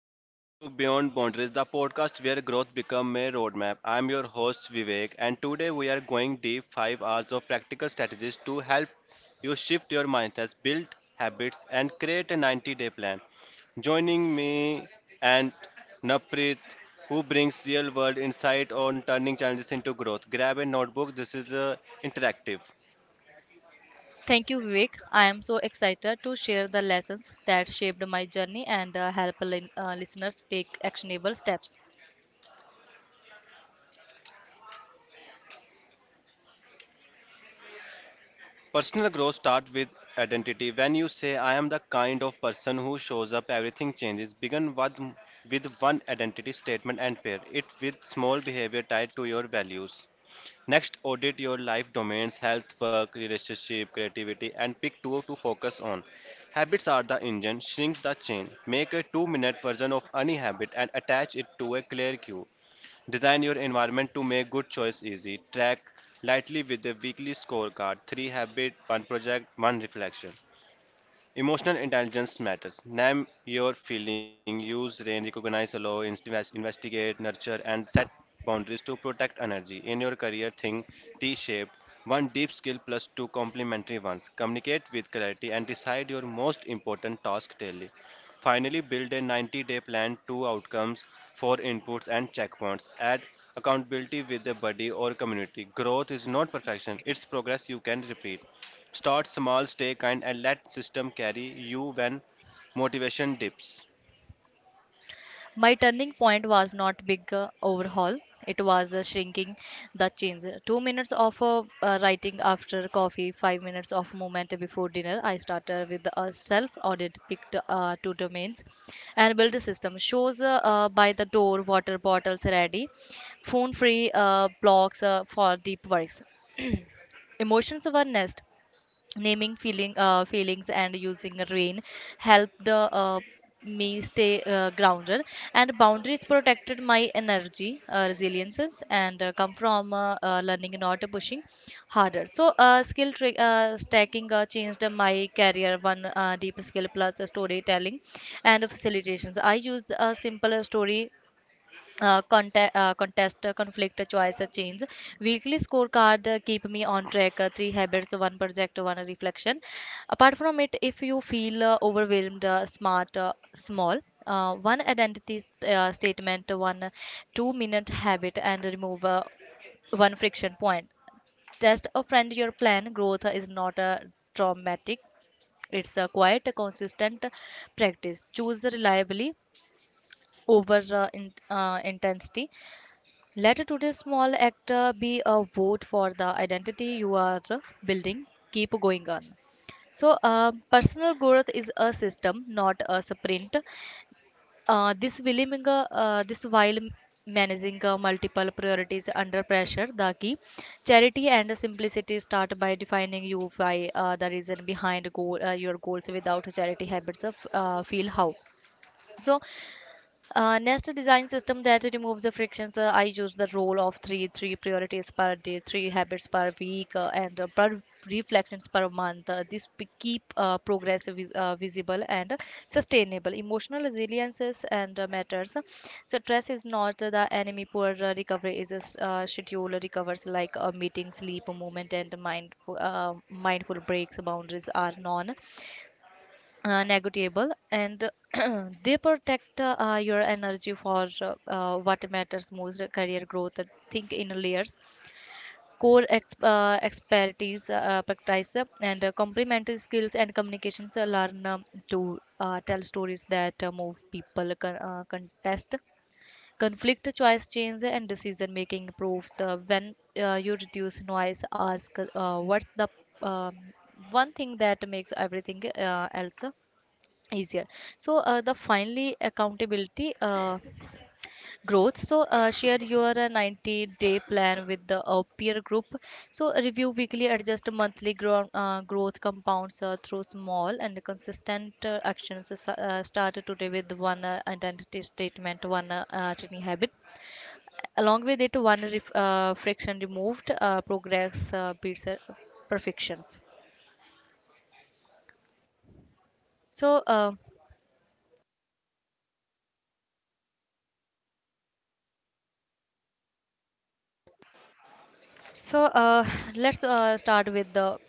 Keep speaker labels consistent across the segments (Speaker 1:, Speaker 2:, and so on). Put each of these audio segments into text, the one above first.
Speaker 1: Welcome to Beyond Boundaries, the podcast where growth becomes a roadmap. I'm your host Vivek, and today we are going deep 5 hours of practical strategies to help you shift your mindsets, build habits, and create a 90-day plan. Joining me and Naprit, who brings real-world insight on turning challenges into growth. Grab a notebook. This is interactive.
Speaker 2: Thank you, Vivek. I am so excited to share the lessons that shaped my journey and help listeners take actionable steps.
Speaker 1: Personal growth starts with identity. When you say, I am the kind of person who shows up, everything changes. Begin with one identity statement and pair it with small behavior tied to your values. Next, audit your life domains: health, work, relationship, creativity, and pick two to focus on. Habits are the engine, shrink the chain. Make a 2 minute version of any habit and attach it to a clear cue. Design your environment to make good choice easy. Track lightly with a weekly scorecard: three habit, one project, one reflection. Emotional intelligence matters. Name your feeling, use range, recognize, allow, investigate, nurture, and set boundaries to protect energy. In your career, think T shaped: one deep skill plus two complementary ones. Communicate with clarity and decide your most important task daily. Finally, build a 90-day plan: two outcomes, four inputs, and checkpoints. Add accountability with the body or community. Growth is not perfection, it's progress you can repeat. Start small, stay kind, and let system carry you when motivation dips.
Speaker 2: My turning point was not big overhaul. It was shrinking the change. 2 minutes of writing after coffee, 5 minutes of movement before dinner. I started with a self audit, picked two domains, and built a system. Shows by the door, water bottles ready, phone free blocks for deep works. Emotions were nest, naming feelings and using rain helped me stay grounded, and boundaries protected my energy. Uh, resiliences and come from learning, not pushing harder. So skill stacking changed my career: one deep skill plus storytelling and facilitations. I used a simple story: contest, conflict, choice, change. Weekly scorecard keep me on track. Three habits, one project, one reflection. Apart from it, if you feel overwhelmed, smart, small, one identity statement, 1 two-minute-minute habit, and remove one friction point. Test a friend your plan. Growth is not a traumatic. It's a quiet, consistent practice. Choose reliably over intensity. Letter to the small actor be a vote for the identity you are building. Keep going on. So, personal growth is a system, not a sprint. This while managing multiple priorities under pressure, the key charity and simplicity. Start by defining you why, the reason behind your goals. Without charity habits, of, feel how. So Nest design system that removes the frictions. I use the rule of three: three priorities per day, three habits per week, and per reflections per month. Keep progress visible and sustainable. Emotional resiliences and matters. So stress is not the enemy. Poor recovery is a schedule. Recovers like a meeting: sleep, movement, and mindful breaks. Boundaries are non- negotiable, and they protect your energy for what matters most. Uh, career growth, think in layers: core expertise, practice, and complementary skills, and communications. Learn to tell stories that move people. Contest, conflict, choice, change. And decision making improves when you reduce noise. Ask what's the um, one thing that makes everything else easier. So, the finally, accountability growth, so share your 90-day plan with the peer group, so review weekly, adjust monthly. Growth compounds through small and consistent actions. Start today with one identity statement, one tiny habit, along with it one friction removed. Progress beats perfections. So uh, So uh, let's start with the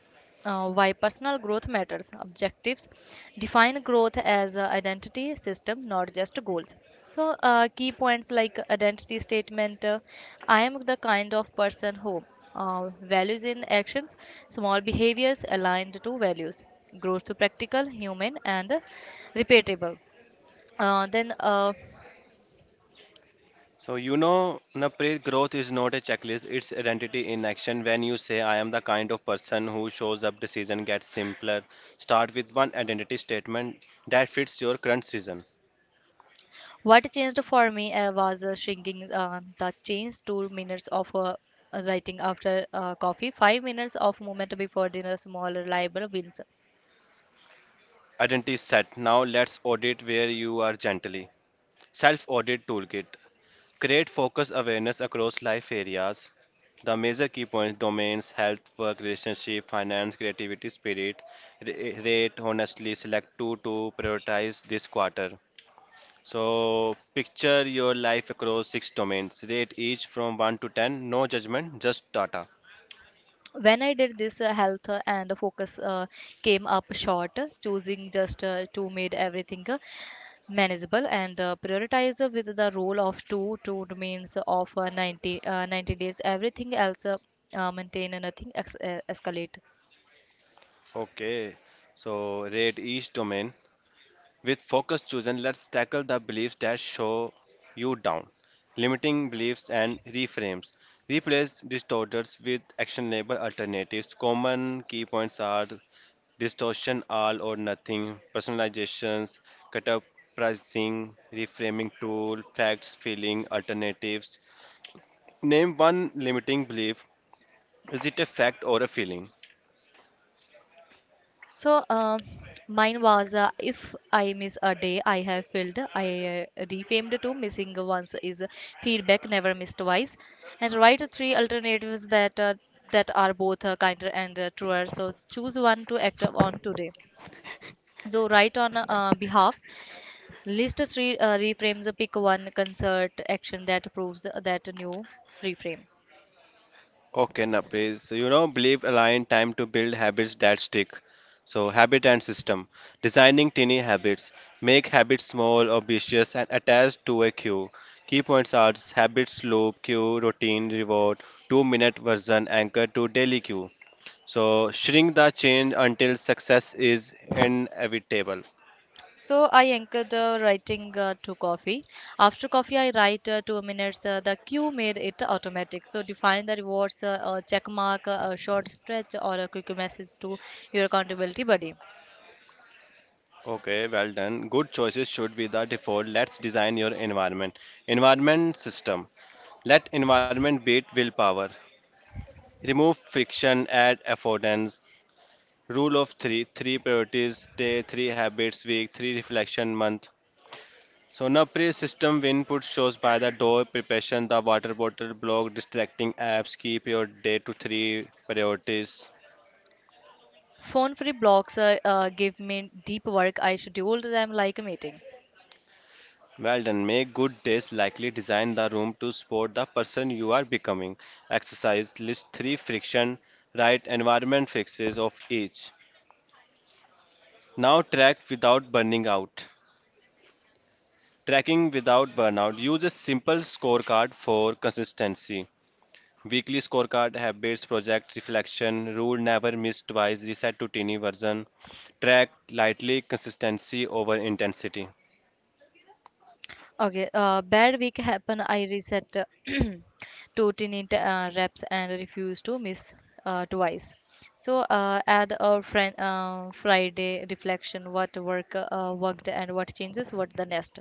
Speaker 2: why personal growth matters. Objectives: define growth as a identity system, not just goals. So, key points like identity statement: I am the kind of person who, values in actions, small behaviors aligned to values. Growth to practical, human, and repeatable. Then.
Speaker 1: So you know, Napri, growth is not a checklist, it's identity in action. When you say I am the kind of person who shows up, decision gets simpler. Start with one identity statement that fits your current season.
Speaker 2: What changed for me was shrinking the change: 2 minutes of writing after coffee, 5 minutes of movement before dinner, small reliable wins.
Speaker 1: Identity set. Now let's audit where you are gently. Self audit toolkit. Create focused awareness across life areas. The major key points: domains, health, work, relationship, finance, creativity, spirit. Rate, honestly, select two to prioritize this quarter. So, picture your life across six domains. Rate each from 1 to 10. No judgment, just data.
Speaker 2: When I did this, health and focus came up short. Choosing just two made everything manageable, and prioritize with the rule of two: two means of 90 days, everything else maintain, nothing escalate.
Speaker 1: Okay. So, rate each domain. With focus chosen, let's tackle the beliefs that show you down. Limiting beliefs and reframes. Replace distorters with actionable alternatives. Common key points are distortion, all or nothing, personalizations, cut up pricing, reframing tool, facts, feeling, alternatives. Name one limiting belief. Is it a fact or a feeling?
Speaker 2: So, mine was, if I miss a day, I have filled. I refamed to: missing once is feedback, never missed twice, and write three alternatives that that are both kinder and truer. So choose one to act on today. So write on behalf. List three reframes. Pick one concert action that proves that new reframe.
Speaker 1: Okay, Napri. So, you know, believe align time to build habits that stick. So, habit and system. Designing tiny habits. Make habits small, obvious, and attached to a cue. Key points are habits loop, cue, routine, reward, 2 minute version, anchor to daily cue. So, shrink the change until success is inevitable.
Speaker 2: So I anchored writing to coffee. After coffee, I write 2 minutes. The cue made it automatic. So define the rewards: a check mark, a short stretch, or a quick message to your accountability buddy.
Speaker 1: Okay, well done. Good choices should be the default. Let's design your environment. Environment system. Let environment beat willpower. Remove friction, add affordance. Rule of three: three priorities, day, three habits, week, three reflection, month. Sonapri system input: shows by the door, preparation, the water bottle, block, distracting apps, keep your day to three priorities.
Speaker 2: Phone free blocks give me deep work. I scheduled them like a meeting.
Speaker 1: Well done, make good days likely, design the room to support the person you are becoming. Exercise, list three friction, right environment fixes of each. Now track without burning out. Tracking without burnout. Use a simple scorecard for consistency. Weekly scorecard: habits, project reflection, rule never miss twice, reset to teeny version. Track lightly consistency over intensity.
Speaker 2: Okay, bad week happen. I reset to tin it reps and refuse to miss twice. So add a friend Friday reflection. What worked and what changes. What the next.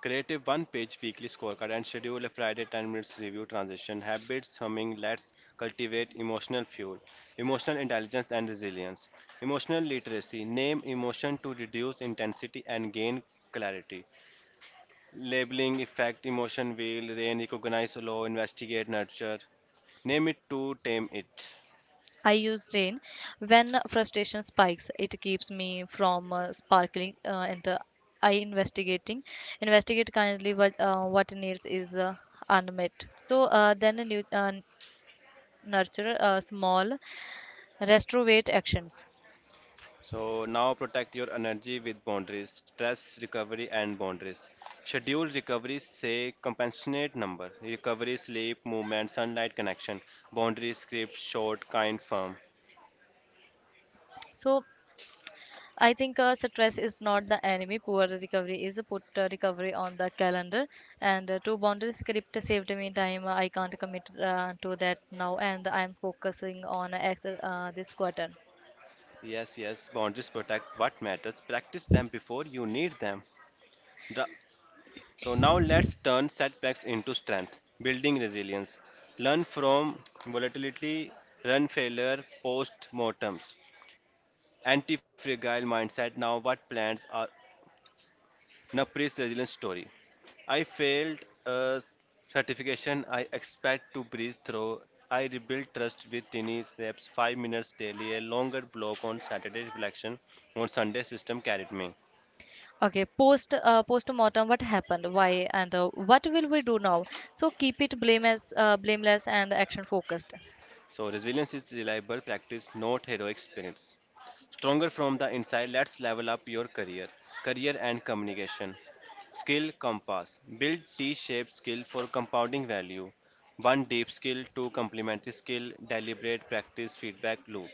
Speaker 1: Create a one page weekly scorecard and schedule a Friday 10 minutes review transition. Habits humming, let's cultivate emotional fuel, emotional intelligence and resilience. Emotional literacy, name emotion to reduce intensity and gain clarity. Labeling, effect, emotion wheel, rain, recognize, allow, investigate, nurture. Name it to tame it.
Speaker 2: I use rain when frustration spikes. It keeps me from sparkling, and I investigating investigate kindly what needs is unmet. So then a new, nurture small restorative actions.
Speaker 1: So now protect your energy with boundaries, stress recovery and boundaries. Schedule recovery, say compensate number, recovery, sleep, movement, sunlight connection, boundaries, script, short, kind, firm.
Speaker 2: So I think, stress is not the enemy, poor recovery is. Put recovery on the calendar, and two boundary script saved me time. I can't commit to that now, and I'm focusing on this quarter.
Speaker 1: Yes, yes, boundaries protect what matters. Practice them before you need them. The so now let's turn setbacks into strength, building resilience. Learn from volatility, run failure, post mortems, anti fragile mindset. Now, what plans are Napri's resilience story? I failed a certification I expect to breeze through. I rebuilt trust with tiny steps, 5 minutes daily, a longer block on Saturday reflection on Sunday system carried me.
Speaker 2: Okay, post mortem: what happened, why, and what will we do now. So keep it blameless and action focused.
Speaker 1: So, resilience is reliable practice, not heroic spirits. Stronger from the inside, let's level up your career, career and communication. Skill compass. Build T shaped skill for compounding value. One deep skill, two complementary skill, deliberate practice feedback loop.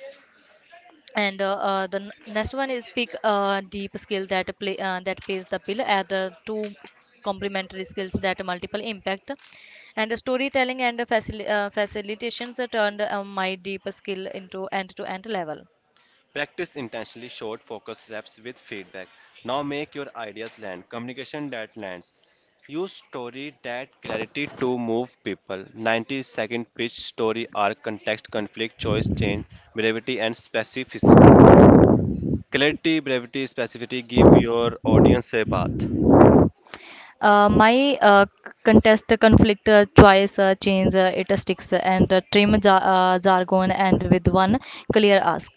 Speaker 2: And the n- next one is, pick a deep skill that play that pays the bill. Add the two complementary skills that multiple impact. And the storytelling and the facilitations that turned my deep skill into end-to-end level.
Speaker 1: Practice intentionally short focus steps with feedback. Now make your ideas land. Communication that lands. Use story that clarity to move people. 90-second pitch story arc: context, conflict, choice, change, brevity, and specificity. Clarity, brevity, specificity give your audience a bath.
Speaker 2: My contest, conflict, choice, change, it sticks, and trim jargon and with one clear ask.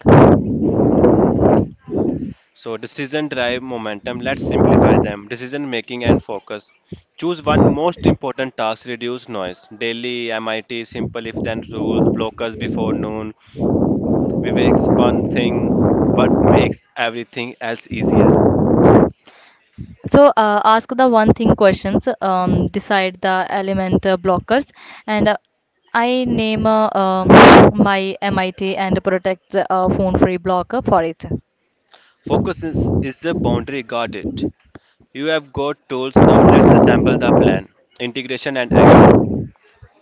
Speaker 1: So decision drive momentum. Let's simplify them. Decision making and focus. Choose one most important task, reduce noise. Daily, MIT, simple if then rules, blockers before noon. Vivek's one thing, what makes everything else easier.
Speaker 2: So ask the one thing questions. Decide the element blockers, and I name my MIT and protect phone free blocker for it.
Speaker 1: Focus is the boundary, guard it. You have got tools, now let's assemble the plan. Integration and action.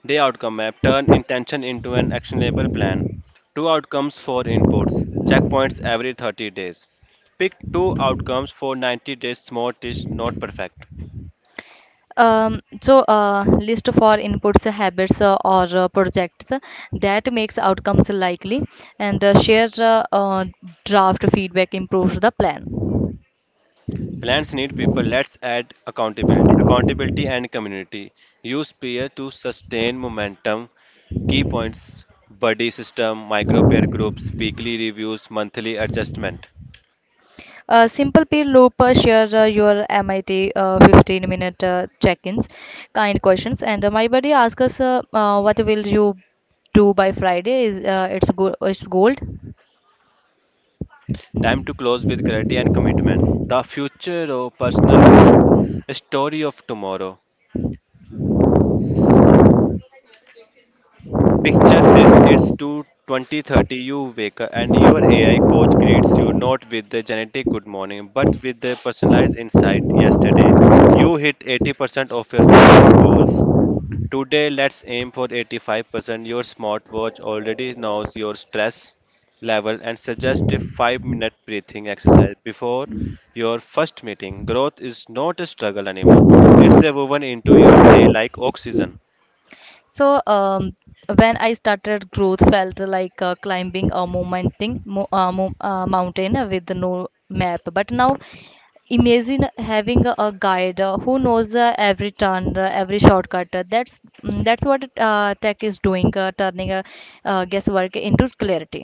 Speaker 1: Day outcome map turn intention into an actionable plan. Two outcomes for inputs. Checkpoints every 30 days. Pick two outcomes for 90 days. Smart is not perfect.
Speaker 2: So list for inputs, habits, or projects that makes outcomes likely, and share draft feedback improves the plan.
Speaker 1: Plans need people. Let's add accountability. Accountability and community. Use peer to sustain momentum. Key points: buddy system, micro peer groups, weekly reviews, monthly adjustment.
Speaker 2: A Simple Peel Looper shares your MIT, 15 minute check ins, kind questions. And my buddy asks us, "What will you do by Friday?" Is It's, it's gold.
Speaker 1: Time to close with clarity and commitment. The future of personal growth. A story of tomorrow. Picture this, it's two 2030. You wake up and your AI coach greets you not with the genetic good morning, but with the personalized insight. Yesterday, you hit 80% of your focus calls. Today, let's aim for 85%. Your smartwatch already knows your stress level and suggests a 5-minute breathing exercise before your first meeting. Growth is not a struggle anymore, it's a woven into your day like oxygen.
Speaker 2: So, when I started, growth felt like climbing a mountain with no map. But now imagine having a guide who knows every turn, every shortcut. That's what tech is doing: turning guesswork into clarity.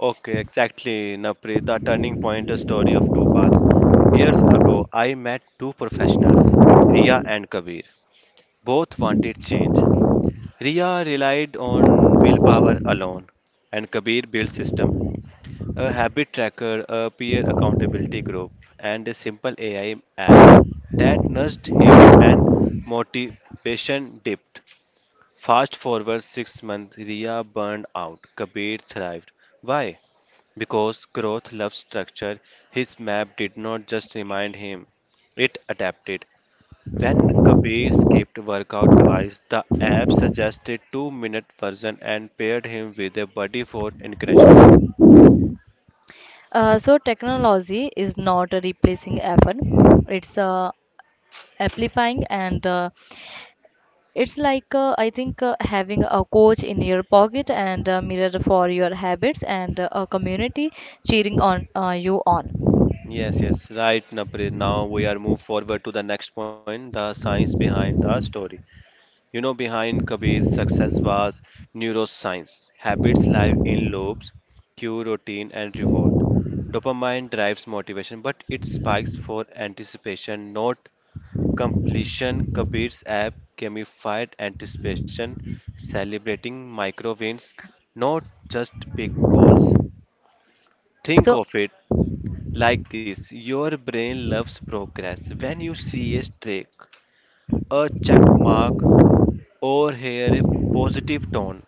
Speaker 1: Okay, exactly, Napri, the turning point is story of two paths. Years ago, I met two professionals, Ria and Kabir. Both wanted change. Ria relied on willpower alone, and Kabir built system: a habit tracker, a peer accountability group, and a simple AI app that nudged him when motivation dipped. Fast forward 6 months, Ria burned out. Kabir thrived. Why? Because growth loves structure. His map did not just remind him, it adapted. When Kabir skipped workout twice, the app suggested 2 minute version and paired him with a buddy for encouragement.
Speaker 2: So technology is not replacing effort, it's amplifying, and it's like, I think, having a coach in your pocket, and a mirror for your habits, and a community cheering on you on.
Speaker 1: Yes, yes, right, Napri. Now we are move forward to the next point, the science behind the story. You know, behind Kabir's success was neuroscience. Habits live in loops: cue, routine, and reward. Dopamine drives motivation, but it spikes for anticipation, not completion. Kabir's app gamified anticipation, celebrating micro wins, not just big goals. Think
Speaker 2: So
Speaker 1: of it like this: your brain loves progress. When you see a streak, a check mark, or here, a positive tone.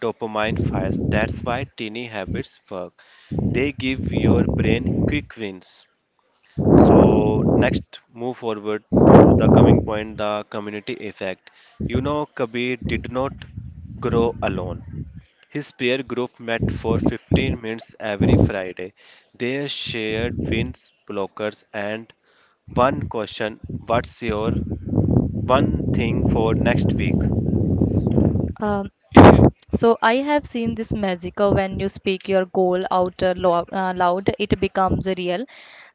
Speaker 1: Dopamine fires. That's why teeny habits work. They give your brain quick wins. So next, move forward to the coming point, the community effect. You know, Kabir did not grow alone. His peer group met for 15 minutes every Friday. They shared wins, blockers, and one question. What's your one thing for next week?
Speaker 2: Um, so I have seen this magic. When you speak your goal out loud, it becomes real.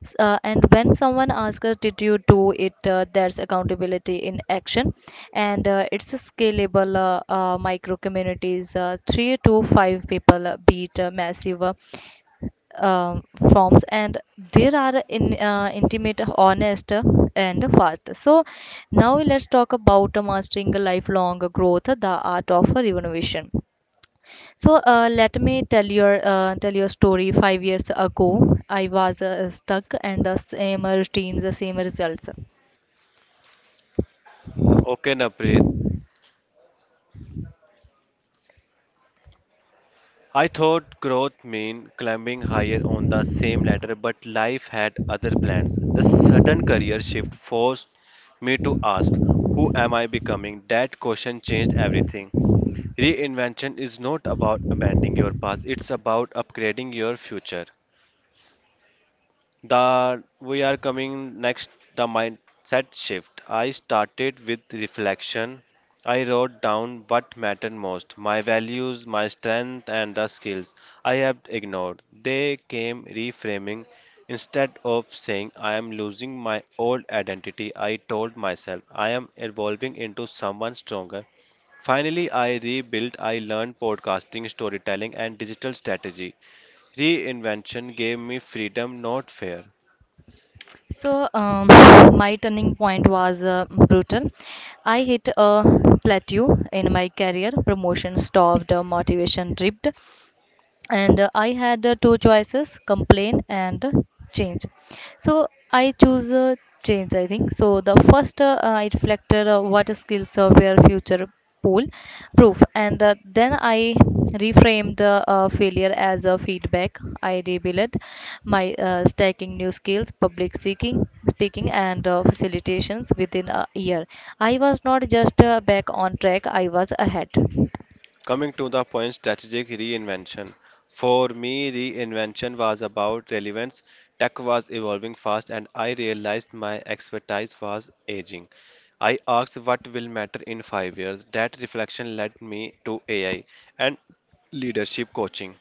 Speaker 2: S- and when someone asks us, "Did you do it?" There's accountability in action, and it's a scalable micro communities. Three to five people beat massive um, forms, and there are in intimate, honest, and fast. So now let's talk about mastering lifelong growth, the art of renovation. So let me tell your story. 5 years ago I was stuck, and the same routines, the same results.
Speaker 1: Okay, Naprit. I thought growth meant climbing higher on the same ladder, but life had other plans. A sudden career shift forced me to ask, who am I becoming? That question changed everything. Reinvention is not about abandoning your past, it's about upgrading your future that we are coming next the mindset shift. I started with reflection. I wrote down what mattered most: my values, my strength, and the skills I have ignored. They came reframing. Instead of saying I am losing my old identity, I told myself I am evolving into someone stronger. Finally, I rebuilt. I learned podcasting, storytelling, and digital strategy. Reinvention gave me freedom, not fear.
Speaker 2: So my turning point was brutal. I hit a plateau in my career. Promotion stopped, motivation dipped, and I had two choices: complain and change. So I choose change, I think. So the first, I reflected: what skills of your future pool proof. And then I reframed failure as a feedback. I rebuilt my stacking new skills, public seeking, speaking, and facilitations. Within a year I was not just back on track, I was ahead.
Speaker 1: Coming to the point, strategic reinvention. For me, reinvention was about relevance. Tech was evolving fast, and I realized my expertise was aging. I asked what will matter in 5 years. That reflection led me to AI and leadership coaching.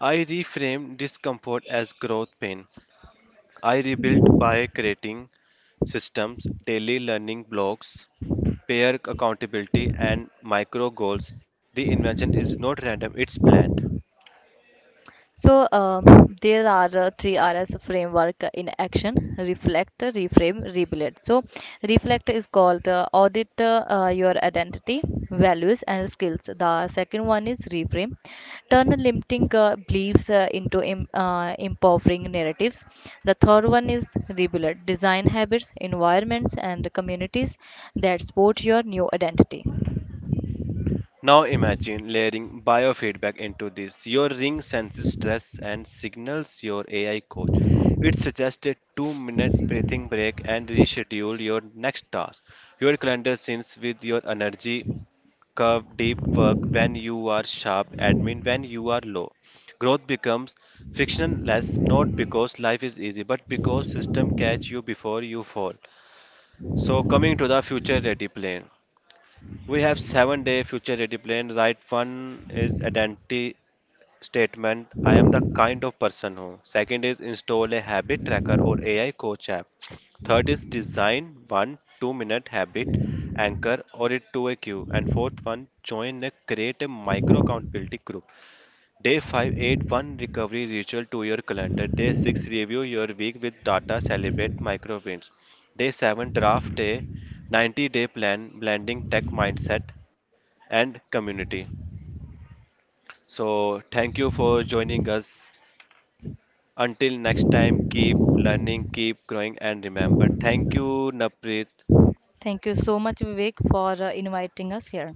Speaker 1: I reframed discomfort as growth pain. I rebuilt by creating systems: daily learning blocks, peer accountability, and micro goals, the invention is not random, it's planned.
Speaker 2: So there are three RS framework in action: reflect, reframe, rebuild. So reflect is called, audit your identity, values, and skills. The second one is reframe, turn limiting beliefs into empowering narratives. The third one is rebuild, design habits, environments, and communities that support your new identity.
Speaker 1: Now imagine layering biofeedback into this. Your ring senses stress and signals your AI coach. It suggests a 2 minute breathing break and reschedule your next task. Your calendar syncs with your energy curve, deep work when you are sharp, admin when you are low. Growth becomes frictionless not because life is easy but because system catch you before you fall. So coming to the future ready plan, we have 7 day future ready plan. Right one is identity statement. I am the kind of person who. Second is install a habit tracker or AI coach app. Third is design one 2 minute habit anchor or it to a queue. And fourth one join a create a micro accountability group. Day 5 add one recovery ritual to your calendar. Day 6 review your week with data, celebrate micro wins. Day 7 draft a 90-day plan blending tech mindset and community. So, thank you for joining us. Until next time, keep learning, keep growing, and remember. Thank you, Naprit.
Speaker 2: Thank you so much, Vivek, for inviting us here.